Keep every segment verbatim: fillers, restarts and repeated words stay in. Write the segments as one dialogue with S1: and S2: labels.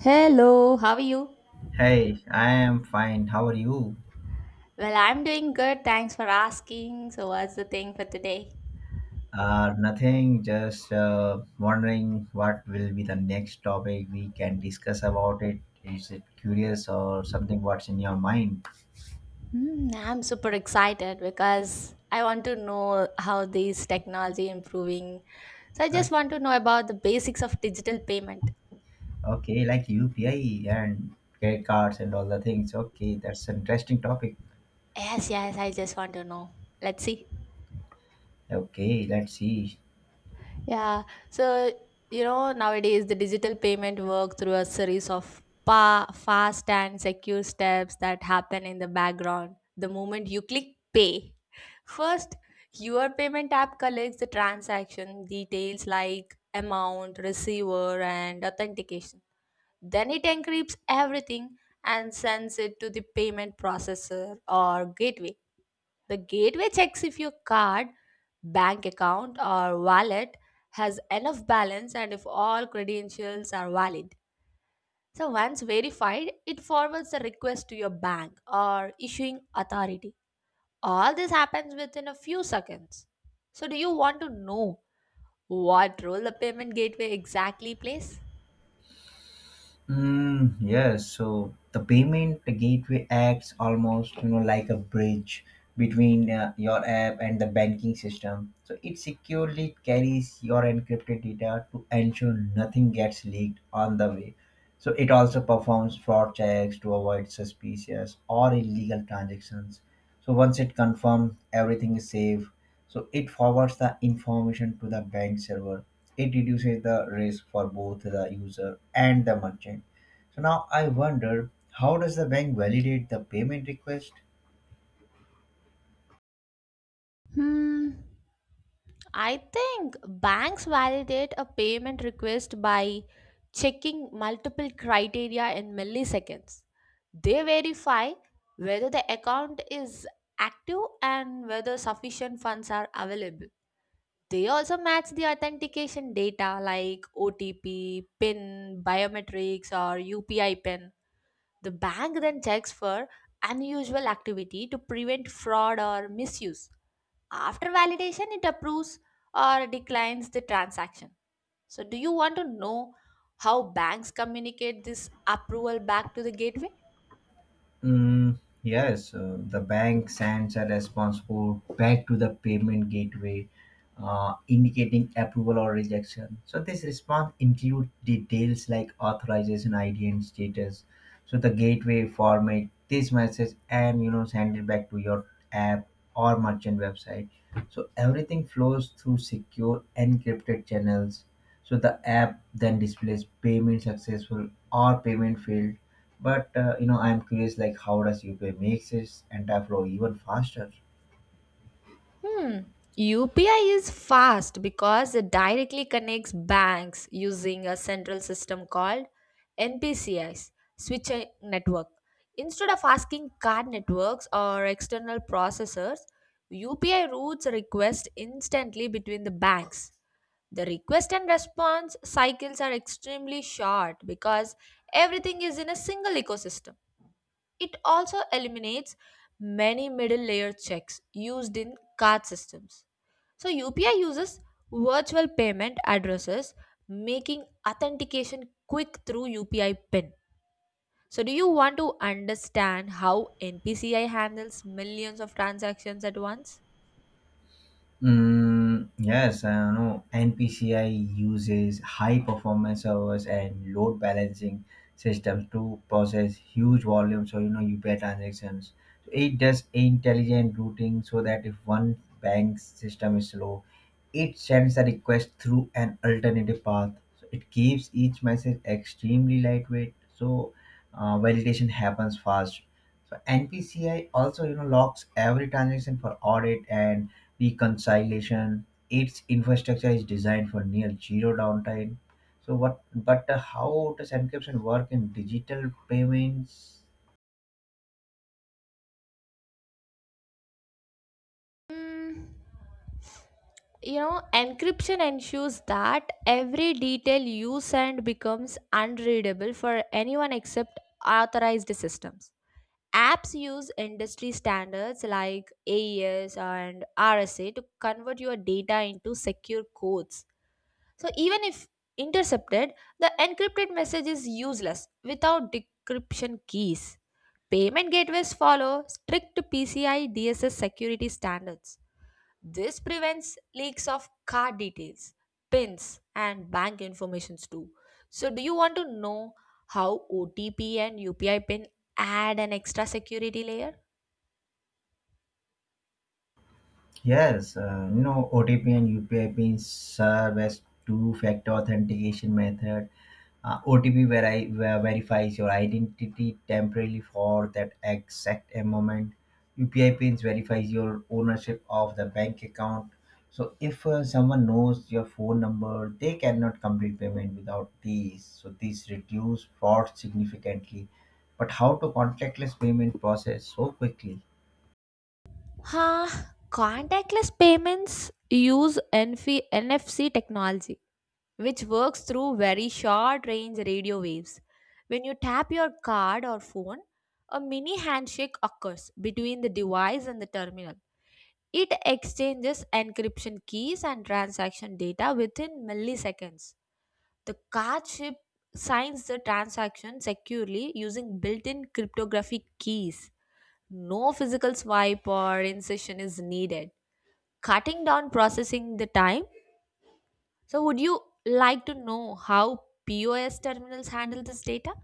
S1: Hello, how are you?
S2: Hey, I am fine. How are you?
S1: Well, I'm doing good. Thanks for asking. So, what's the thing for today?
S2: Uh, nothing, just uh, wondering what will be the next topic we can discuss about it. Is it curious or something what's in your mind?
S1: Hmm, I'm super excited because I want to know how this technology improving. So, I
S2: Uh,
S1: just want to know about the basics of digital payment.
S2: okay, like U P I and credit cards and all the things. Okay, that's an interesting topic.
S1: Yes, yes, I just want to know. Let's see.
S2: Okay, let's see.
S1: Yeah. So, you know, nowadays the digital payment work through a series of pa- fast and secure steps that happen in the background the moment you click pay. First, your payment app collects the transaction details like amount, receiver, and authentication. Then it encrypts everything and sends it to the payment processor or gateway. The gateway checks if your card, bank account, or wallet has enough balance and if all credentials are valid. So, once verified, it forwards the request to your bank or issuing authority. All this happens within a few seconds. So, do you want to know what role the payment gateway exactly plays?
S2: Mm, yes, so the payment gateway acts almost you know like a bridge between uh, your app and the banking system. So it securely carries your encrypted data to ensure nothing gets leaked on the way. So it also performs fraud checks to avoid suspicious or illegal transactions. So once it confirms everything is safe, so it forwards the information to the bank server. It reduces the risk for both the user and the merchant. So now I wonder how does the bank validate the payment request.
S1: Hmm. I think banks validate a payment request by checking multiple criteria in milliseconds. They verify whether the account is active and whether sufficient funds are available. They also match the authentication data like OTP, PIN, biometrics, or UPI PIN. The bank then checks for unusual activity to prevent fraud or misuse. After validation, it approves or declines the transaction. So, do you want to know how banks communicate this approval back to the gateway?
S2: Mm, yes, uh, the bank sends a response code back to the payment gateway, uh, indicating approval or rejection. So this response includes details like authorization I D and status. So the gateway format this message and you know send it back to your app or merchant website. So everything flows through secure encrypted channels. So the app then displays payment successful or payment failed. But uh, you know, I'm curious like how does U P I makes this entire flow even faster?
S1: Hmm. U P I is fast because it directly connects banks using a central system called N P C I's switching network. Instead of asking card networks or external processors, U P I routes a request instantly between the banks. The request and response cycles are extremely short because everything is in a single ecosystem. It also eliminates many middle layer checks used in card systems. So, U P I uses virtual payment addresses, making authentication quick through U P I PIN. So, do you want to understand how N P C I handles millions of transactions at once?
S2: Mm, yes, I know N P C I uses high performance servers and load balancing systems to process huge volumes or you know U P I transactions. So it does intelligent routing so that if one bank system is slow, it sends a request through an alternative path. So it keeps each message extremely lightweight, so uh, validation happens fast. So N P C I also you know locks every transaction for audit and reconciliation. Its infrastructure is designed for near zero downtime. So what? But uh, how does encryption work in digital payments?
S1: Mm, you know, encryption ensures that every detail you send becomes unreadable for anyone except authorized systems. Apps use industry standards like A E S and R S A to convert your data into secure codes. So, even if intercepted, the encrypted message is useless without decryption keys. Payment gateways follow strict P C I D S S security standards. This prevents leaks of card details, pins, and bank informations too. So, do you want to know how O T P and U P I PIN add an extra security layer?
S2: Yes, uh, you know, O T P and U P I pins serve as two-factor authentication method. Uh, O T P veri- ver- verifies your identity temporarily for that exact moment. U P I pins verifies your ownership of the bank account. So if uh, someone knows your phone number, they cannot complete payment without these. So these reduce fraud significantly. But how to contactless payment process so quickly?
S1: Huh, contactless payments use N F- N F C technology, which works through very short range radio waves. When you tap your card or phone, a mini handshake occurs between the device and the terminal. It exchanges encryption keys and transaction data within milliseconds. The card chip signs the transaction securely using built in cryptographic keys. No physical swipe or insertion is needed, cutting down processing the time. So, would you like to know how P O S terminals handle this data?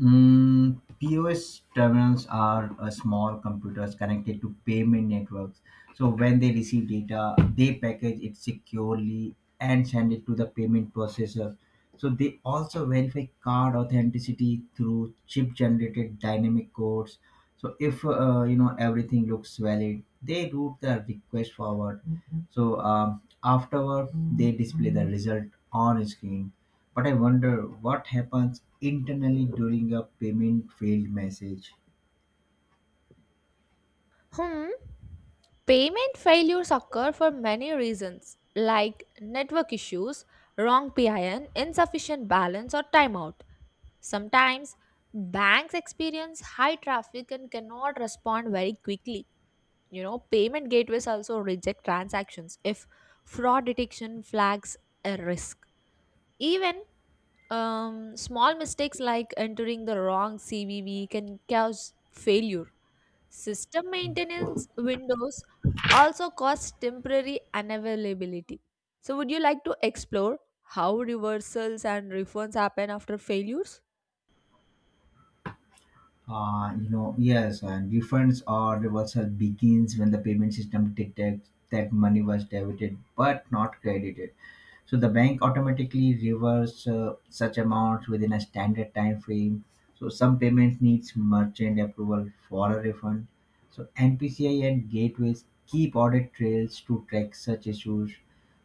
S2: Mm, POS terminals are uh, small computers connected to payment networks. So when they receive data, they package it securely and send it to the payment processor. So they also verify card authenticity through chip-generated dynamic codes. So if uh, you know everything looks valid, they route the request forward. Mhm. So um, afterward, they display the result on screen. But I wonder what happens internally during a payment failed message.
S1: Hmm. Payment failures occur for many reasons, like network issues, wrong PIN, insufficient balance, or timeout. Sometimes banks experience high traffic and cannot respond very quickly. You know, payment gateways also reject transactions if fraud detection flags a risk. Even um, small mistakes like entering the wrong C V V can cause failure. System maintenance windows also cause temporary unavailability. So, would you like to explore how reversals and refunds happen after failures?
S2: Uh, you know, yes, and refunds or reversal begins when the payment system detects that money was debited but not credited. So the bank automatically reverses uh, such amounts within a standard time frame. So some payments needs merchant approval for a refund. So N P C I and gateways keep audit trails to track such issues.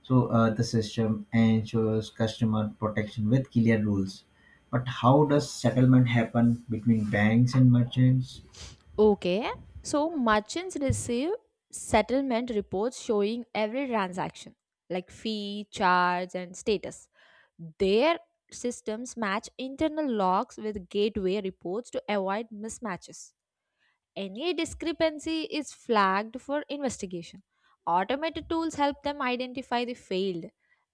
S2: So uh, the system ensures customer protection with clear rules. But how does settlement happen between banks and merchants?
S1: Okay, so merchants receive settlement reports showing every transaction, like fee, charge, and status. Their systems match internal logs with gateway reports to avoid mismatches. Any discrepancy is flagged for investigation. Automated tools help them identify the failed,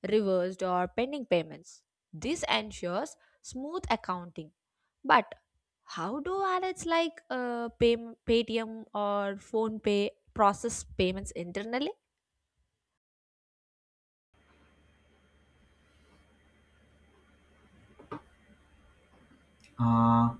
S1: reversed, or pending payments. This ensures smooth accounting. But how do wallets like uh, Pay- Paytm or PhonePe process payments internally?
S2: Uh,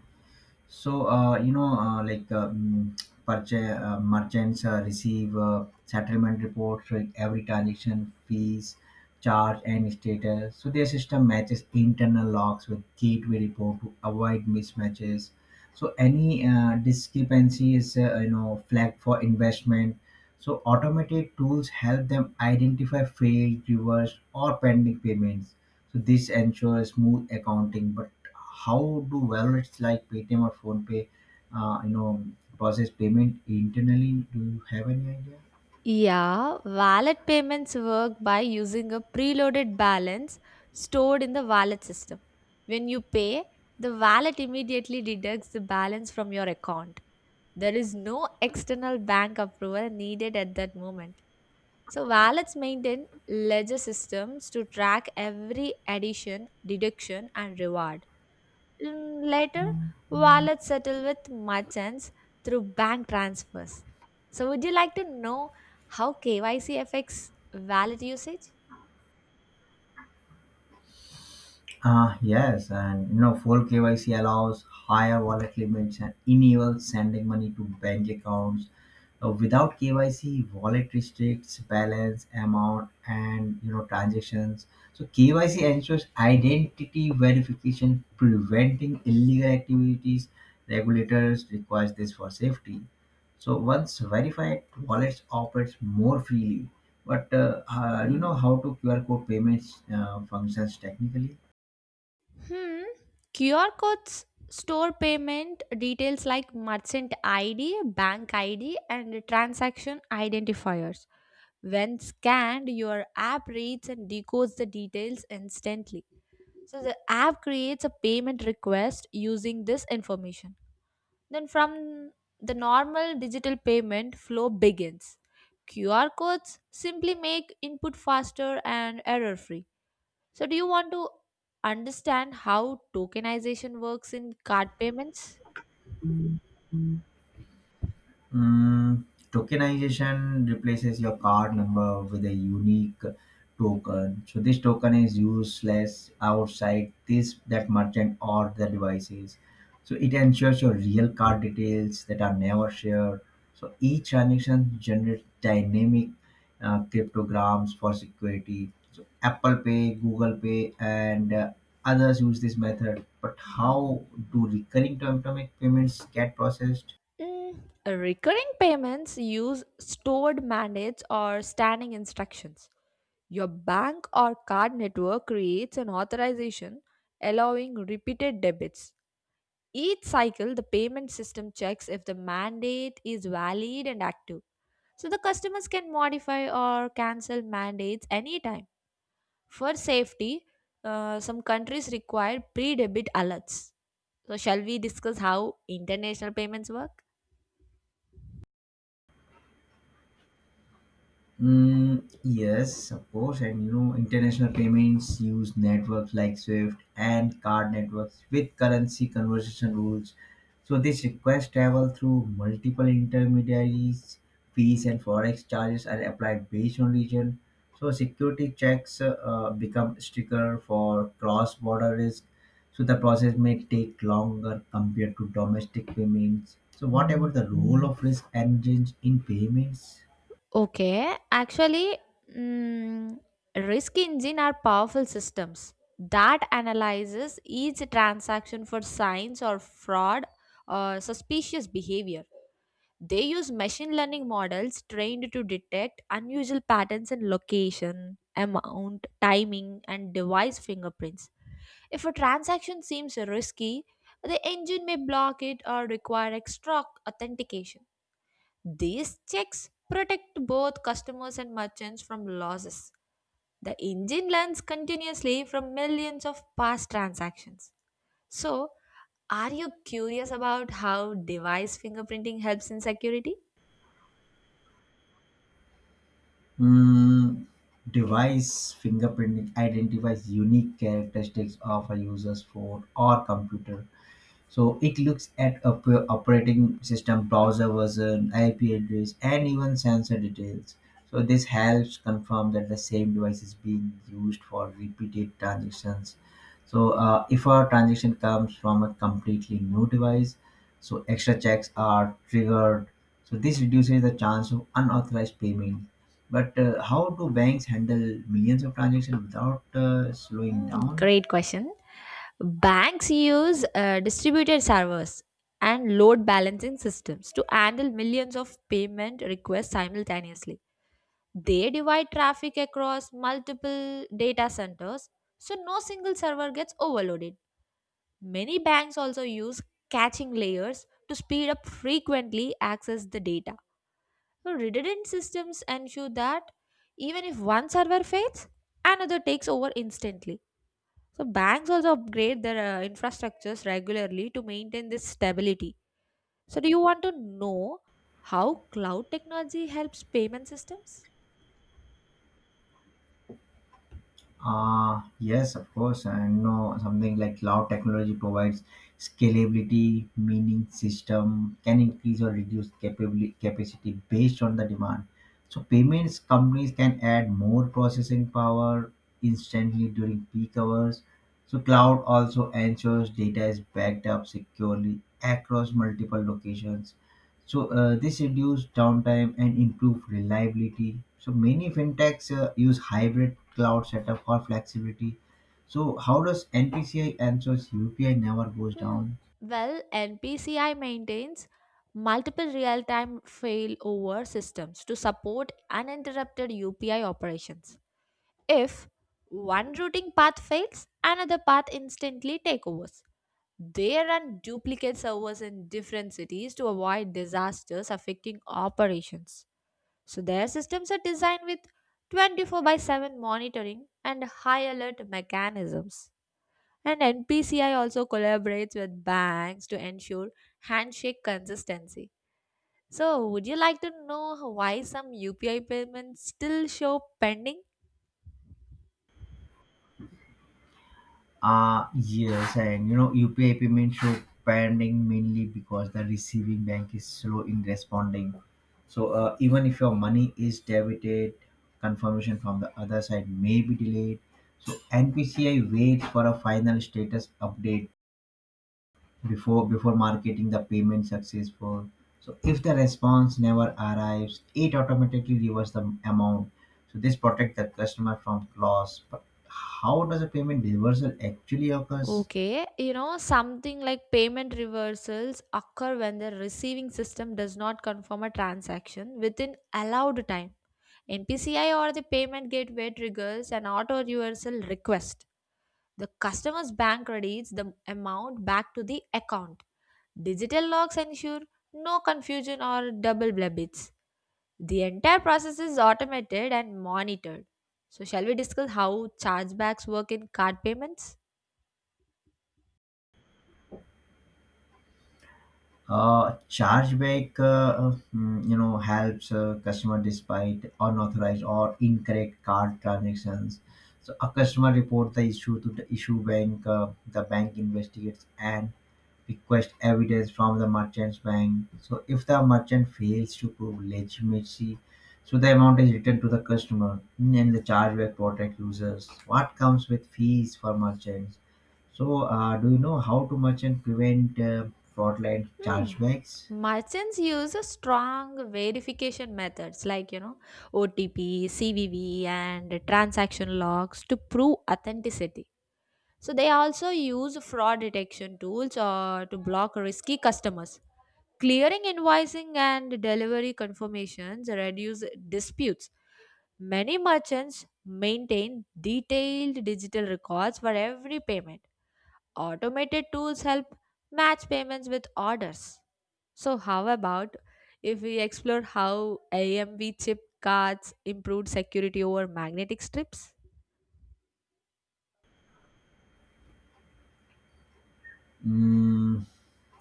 S2: So, uh, you know, uh, like um, purchase, uh, merchants uh, receive uh, settlement reports with every transaction, fees, charge, and status. So, their system matches internal logs with gateway report to avoid mismatches. So, any uh, discrepancy is, uh, you know, flagged for investment. So, automated tools help them identify failed, reversed, or pending payments. So, this ensures smooth accounting, but how do wallets like Paytm or PhonePe, uh, you know, process payment internally? Do you have any idea?
S1: Yeah, wallet payments work by using a preloaded balance stored in the wallet system. When you pay, the wallet immediately deducts the balance from your account. There is no external bank approval needed at that moment. So, wallets maintain ledger systems to track every addition, deduction, and reward. Mm, later, wallets settle with merchants through bank transfers. So, would you like to know how K Y C affects wallet usage?
S2: Uh, yes, and you know, full K Y C allows higher wallet limits and enables sending money to bank accounts. Uh, without K Y C, wallet restricts balance, amount, and you know transactions. So K Y C ensures identity verification, preventing illegal activities. Regulators requires this for safety. So once verified, wallets operates more freely. But uh, uh, you know how to Q R code payments uh, functions technically.
S1: Hmm. Q R codes store payment details like merchant I D, bank I D, and transaction identifiers. When scanned, your app reads and decodes the details instantly. So, the app creates a payment request using this information. Then from the normal digital payment flow begins. Q R codes simply make input faster and error free. So do you want to understand how tokenization works in card payments?
S2: Mm, Tokenization replaces your card number with a unique token. So this token is useless outside this that merchant or the devices. So it ensures your real card details that are never shared. So each transaction generates dynamic uh, cryptograms for security. So Apple Pay, Google Pay, and uh, others use this method. But how do recurring automatic payments get processed?
S1: Mm, recurring payments use stored mandates or standing instructions. Your bank or card network creates an authorization allowing repeated debits. Each cycle, the payment system checks if the mandate is valid and active. So the customers can modify or cancel mandates anytime. For safety, uh, some countries require pre debit alerts. So, shall we discuss how international payments work?
S2: Mm, yes, of course, and you know, international payments use networks like SWIFT and card networks with currency conversion rules. So this request travel through multiple intermediaries, fees and forex charges are applied based on region. So security checks uh, uh, become stricter for cross-border risk. So the process may take longer compared to domestic payments. So what about the role of risk engines in payments?
S1: Okay, actually, mm, risk engine are powerful systems that analyzes each transaction for signs or fraud or suspicious behavior. They use machine learning models trained to detect unusual patterns in location, amount, timing, and device fingerprints. If a transaction seems risky, the engine may block it or require extra authentication. These checks protect both customers and merchants from losses. The engine learns continuously from millions of past transactions. So, are you curious about how device fingerprinting helps in security?
S2: Mm, Device fingerprinting identifies unique characteristics of a user's phone or computer. So it looks at op- operating system, browser version, I P address, and even sensor details. So this helps confirm that the same device is being used for repeated transactions. So uh, if a transaction comes from a completely new device, so extra checks are triggered. So this reduces the chance of unauthorized payment. But uh, how do banks handle millions of transactions without uh, slowing
S1: Mm,
S2: down?
S1: great question. Banks use uh, distributed servers and load balancing systems to handle millions of payment requests simultaneously. They divide traffic across multiple data centers so no single server gets overloaded. Many banks also use caching layers to speed up frequently access the data. So redundant systems ensure that even if one server fails, another takes over instantly. So banks also upgrade their uh, infrastructures regularly to maintain this stability. So do you want to know how cloud technology helps payment systems?
S2: Uh, yes, of course. I know something like cloud technology provides scalability, meaning system can increase or reduce capability capacity based on the demand. So payments companies can add more processing power instantly during peak hours. So cloud also ensures data is backed up securely across multiple locations. So uh, this reduced downtime and improved reliability. So many fintechs uh, use hybrid cloud setup for flexibility. So how does N P C I answers U P I never goes
S1: Hmm.
S2: down?
S1: Well, N P C I maintains multiple real time failover systems to support uninterrupted U P I operations. If one routing path fails, another path instantly takes over. They run duplicate servers in different cities to avoid disasters affecting operations. So their systems are designed with twenty-four by seven monitoring and high alert mechanisms. And N P C I also collaborates with banks to ensure handshake consistency. So, would you like to know why some U P I payments still show pending?
S2: Uh yes, and you know U P I payments show pending mainly because the receiving bank is slow in responding. So uh, even if your money is debited, confirmation from the other side may be delayed. So N P C I waits for a final status update before before marketing the payment successful. So if the response never arrives, it automatically reverses the amount. So this protects the customer from loss. But how does a payment reversal actually occurs.
S1: Okay, you know, something like payment reversals occur when the receiving system does not confirm a transaction within allowed time. N P C I or the payment gateway triggers an auto reversal request. The customer's bank credits the amount back to the account. Digital logs ensure no confusion or double debits. The entire process is automated and monitored. So, shall we discuss how chargebacks work in card payments?
S2: Uh, chargeback uh, mm, you know helps uh, customer despite unauthorized or incorrect card transactions. So a customer report the issue to the issue bank. Uh, the bank investigates and request evidence from the merchant bank. So if the merchant fails to prove legitimacy, so the amount is returned to the customer. Mm, and the chargeback protect users. What comes with fees for merchants? So uh, do you know how to merchant prevent uh, fraudulent
S1: Hmm.
S2: chargebacks?
S1: Merchants use a strong verification methods like you know O T P, C V V, and transaction logs to prove authenticity. So they also use fraud detection tools or to block risky customers. Clearing invoicing and delivery confirmations reduce disputes. Many merchants maintain detailed digital records for every payment. Automated tools help match payments with orders. So, how about if we explore how A M V chip cards improved security over magnetic strips?
S2: Mm,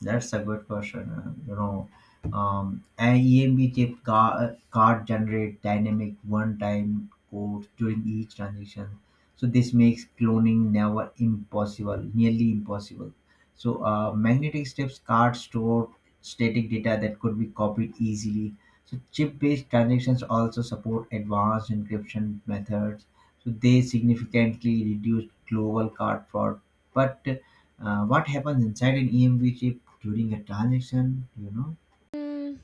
S2: That's a good question. uh, You know, um, an E M B chip ca- card generate dynamic one-time codes during each transaction. So this makes cloning never impossible, nearly impossible. So uh, magnetic strips cards store static data that could be copied easily. So chip-based transactions also support advanced encryption methods. So they significantly reduce global card fraud, but uh, what happens inside an E M V chip during a transaction, you know?
S1: Mm,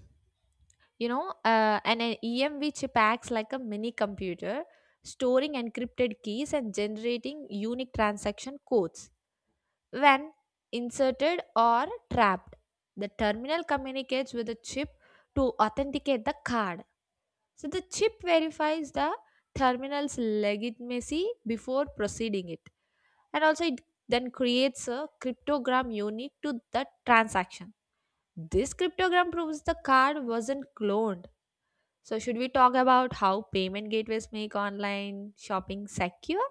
S1: you know, uh, an an E M V chip acts like a mini computer, storing encrypted keys and generating unique transaction codes. When inserted or trapped, the terminal communicates with the chip to authenticate the card. So the chip verifies the terminal's legitimacy before proceeding it. And also it then creates a cryptogram unique to the transaction. This cryptogram proves the card wasn't cloned. So should we talk about how payment gateways make online shopping secure?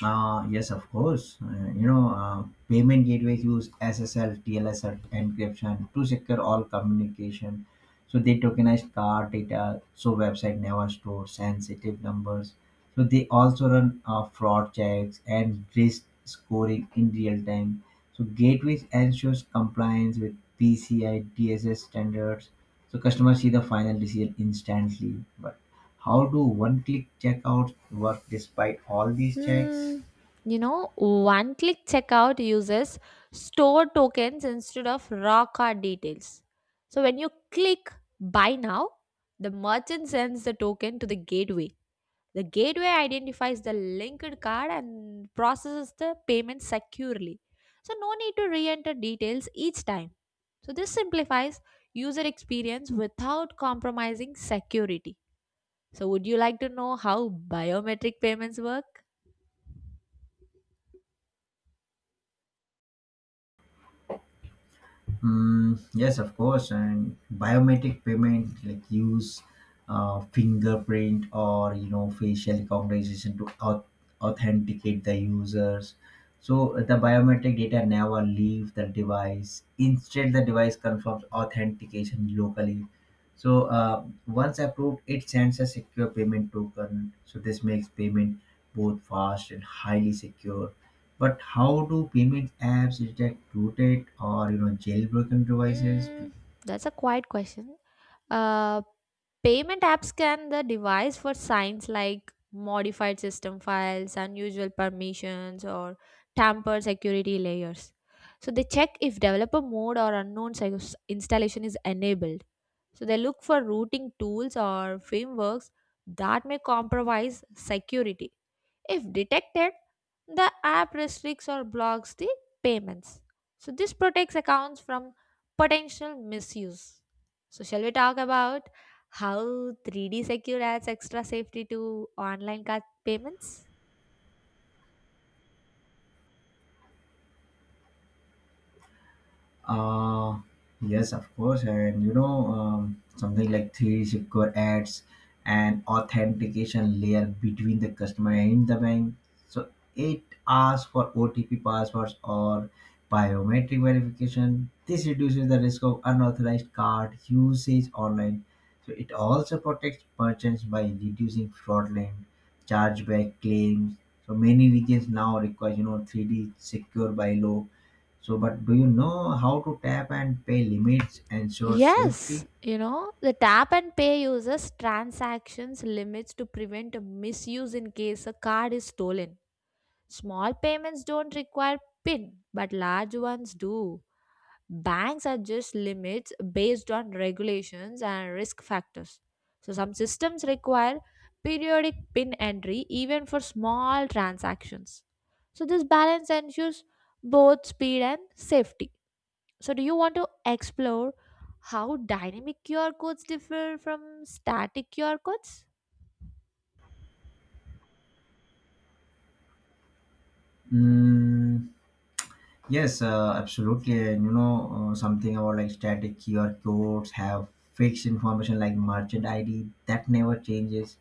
S2: Uh, yes, of course. Uh, you know, uh, payment gateways use S S L, T L S encryption to secure all communication. So they tokenize card data, so website never store sensitive numbers. So they also run uh, fraud checks and risk scoring in real time. So gateways ensures compliance with P C I D S S standards. So customers see the final decision instantly. But how do one-click checkouts work despite all these checks?
S1: Hmm. you know One click checkout uses store tokens instead of raw card details. So when you click buy now, the merchant sends the token to the gateway. The gateway identifies the linked card and processes the payment securely. So no need to re-enter details each time. So this simplifies user experience without compromising security. So would you like to know how biometric payments work?
S2: Mm, yes, of course. And biometric payment like use uh, fingerprint or you know facial recognition to au- authenticate the users. So the biometric data never leave the device. Instead, the device confirms authentication locally. So uh, once approved, it sends a secure payment token. So this makes payment both fast and highly secure. But how do payment apps detect rooted or you know jailbroken devices?
S1: Mm, that's a quiet question. Uh, payment apps scan the device for signs like modified system files, unusual permissions, or tampered security layers. So they check if developer mode or unknown sys- installation is enabled. So they look for routing tools or frameworks that may compromise security. If detected, the app restricts or blocks the payments. So, this protects accounts from potential misuse. So, shall we talk about how three D Secure adds extra safety to online card payments?
S2: Uh, yes, of course. And you know, um, something like three secure ads and authentication layer between the customer and the bank. So it asks for O T P passwords or biometric verification. This reduces the risk of unauthorized card usage online. So it also protects merchants by reducing fraudulent chargeback claims. So many regions now require, you know, three D secure by law. So, but do you know how to tap and pay limits ensure safety?
S1: Yes, you know, the tap and pay uses transactions limits to prevent a misuse in case a card is stolen. Small payments don't require PIN, but large ones do. Banks adjust limits based on regulations and risk factors. So, some systems require periodic PIN entry even for small transactions. So, this balance ensures both speed and safety. So, do you want to explore how dynamic Q R codes differ from static Q R codes?
S2: Mm, yes, uh, absolutely. And you know uh, something about like static Q R codes have fixed information like merchant I D that never changes.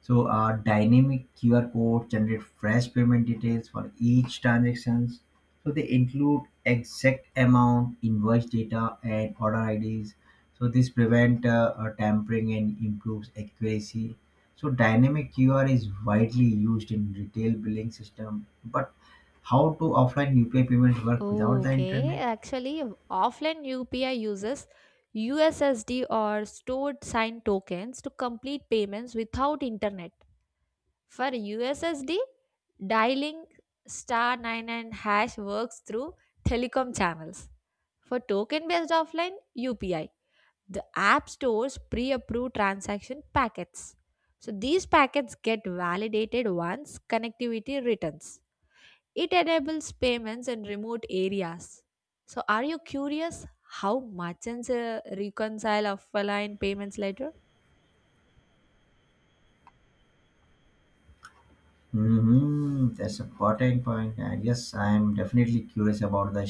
S2: So, uh, dynamic Q R code generate fresh payment details for each transactions. So they include exact amount, invoice data, and order I Ds. So this prevent uh, uh, tampering and improves accuracy. So dynamic Q R is widely used in retail billing system, but how do offline U P I payments work without
S1: Oh,
S2: the
S1: okay.
S2: internet?
S1: Actually, offline U P I uses U S S D or stored sign tokens to complete payments without internet. For U S S D, dialing star ninety-nine hash works through telecom channels. For token based offline, U P I. The app stores pre approved transaction packets. So these packets get validated once connectivity returns. It enables payments in remote areas. So, are you curious how merchants uh, reconcile offline payments later?
S2: hmm That's a important point. And yes, I'm definitely curious about the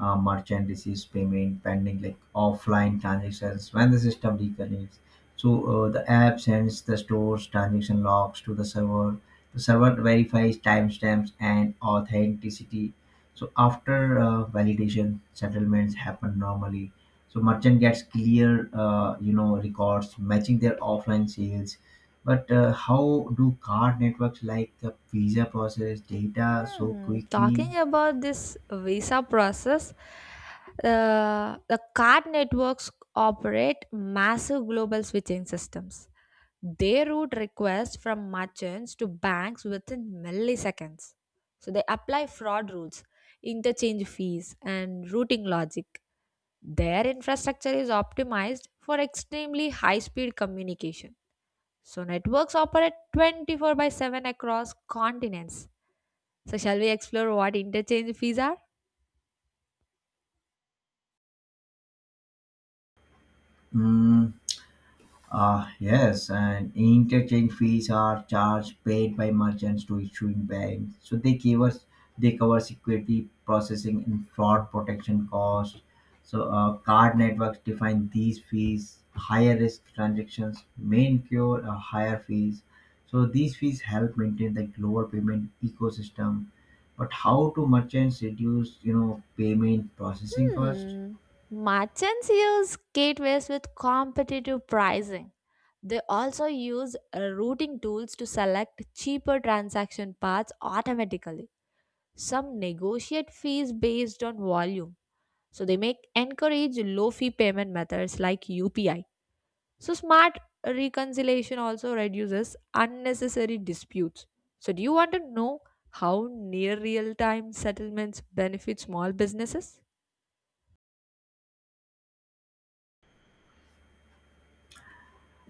S2: uh, merchant receives payment pending like offline transactions when the system reconnects. So uh, the app sends the store's transaction logs to the server. The server verifies timestamps and authenticity. So after uh, validation, settlements happen normally. So merchant gets clear, uh, you know, records matching their offline sales. But uh, how do card networks like uh, Visa process data so
S1: Hmm,
S2: quickly?
S1: talking about this visa process, uh, the card networks operate massive global switching systems. They route requests from merchants to banks within milliseconds. So they apply fraud rules, interchange fees, and routing logic. Their infrastructure is optimized for extremely high speed communication. So networks operate twenty-four by seven across continents. So, shall we explore what interchange fees are?
S2: Mm, Uh, yes, and interchange fees are charged paid by merchants to issuing banks. So they give us They cover security processing and fraud protection costs. So uh, card networks define these fees. Higher risk transactions may incur uh, higher fees. So these fees help maintain the global payment ecosystem. But how do merchants reduce you know payment processing cost?
S1: Hmm. Merchants use gateways with competitive pricing. They also use uh, routing tools to select cheaper transaction paths automatically. Some negotiate fees based on volume. So they may encourage low fee payment methods like U P I. So, smart reconciliation also reduces unnecessary disputes. So, do you want to know how near real time settlements benefit small businesses?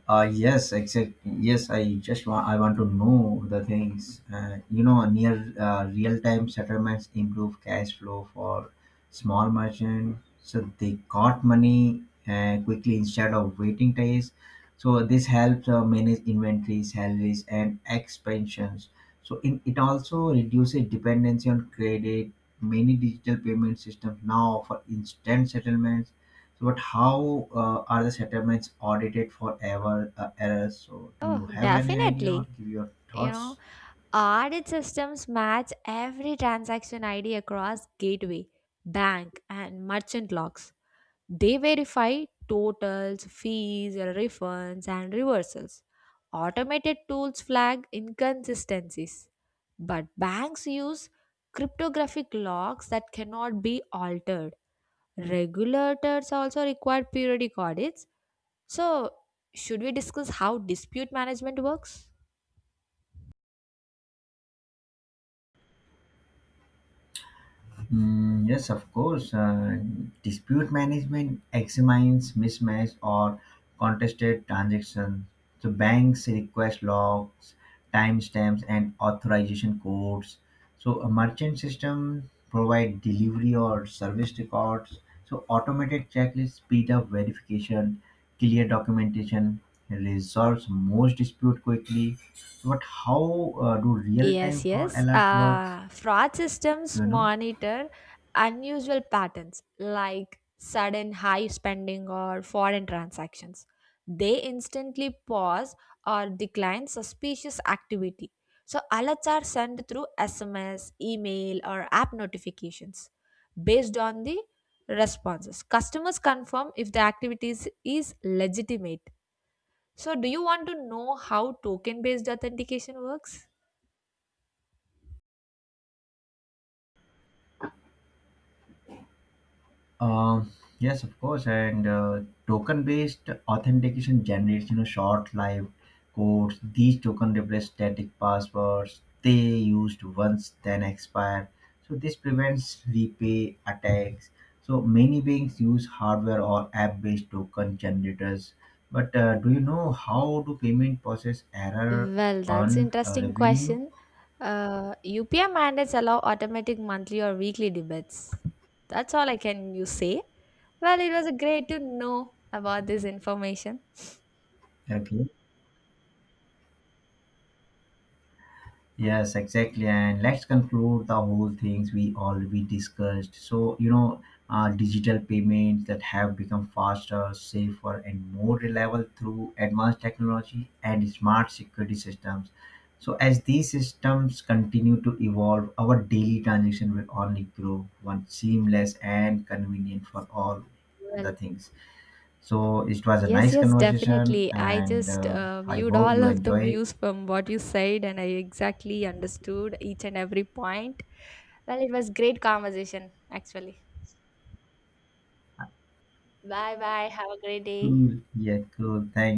S2: Uh, yes, exactly. Yes, I just want I want to know the things. Uh, you know, near uh, real time settlements improve cash flow for small merchant, so they got money uh, quickly instead of waiting days. So this helps uh, manage inventory, salaries, and expansions. So in, it also reduces dependency on credit. Many digital payment systems now offer instant settlements. So, but how uh, are the settlements audited for ever uh, errors? So, do
S1: Oh,
S2: you have any idea or
S1: definitely.
S2: give your
S1: You know,
S2: thoughts?
S1: audit systems match every transaction I D across gateway, bank, and merchant logs. They verify totals, fees, refunds, and reversals. Automated tools flag inconsistencies. But banks use cryptographic logs that cannot be altered. Regulators also require periodic audits. So, should we discuss how dispute management works?
S2: Mm, yes, of course. Uh, dispute management examines mismatch or contested transactions. So banks request logs, timestamps, and authorization codes. So a merchant system provide delivery or service records. So automated checklists speed up verification, clear documentation, resolves most dispute quickly. But how uh, do
S1: Yes,
S2: real-time fraud
S1: yes.
S2: alert works?
S1: Uh, fraud systems
S2: You know.
S1: monitor unusual patterns like sudden high spending or foreign transactions. They instantly pause or decline suspicious activity. So, alerts are sent through S M S, email, or app notifications. Based on the responses, customers confirm if the activities is is legitimate. So, do you want to know how token based authentication works?
S2: Um, yes, of course. And uh, token-based authentication generates, you know, short-lived codes. These token replace static passwords. They used once, then expire. So this prevents repay attacks. So many banks use hardware or app-based token generators. But uh, do you know how do payment process error
S1: Well, that's
S2: earn uh,
S1: interesting
S2: revenue?
S1: question. Uh, U P I mandates allow automatic monthly or weekly debates. That's all I can you say. Well, it was great to know about this information.
S2: Okay. Yes, exactly. And let's conclude the whole things we already discussed. So, you know, uh, digital payments that have become faster, safer, and more reliable through advanced technology and smart security systems. So, as these systems continue to evolve, our daily transaction will only grow one seamless and convenient for all
S1: Well,
S2: the things. So, it was a
S1: yes,
S2: nice
S1: yes,
S2: conversation,
S1: definitely. I
S2: and
S1: just
S2: uh,
S1: uh,
S2: I
S1: viewed
S2: hope
S1: all
S2: you
S1: of the
S2: enjoy it.
S1: views from what you said, and I exactly understood each and every point. Well, it was great conversation actually. Bye bye. Have a great day.
S2: Cool. Yeah, cool. Thanks.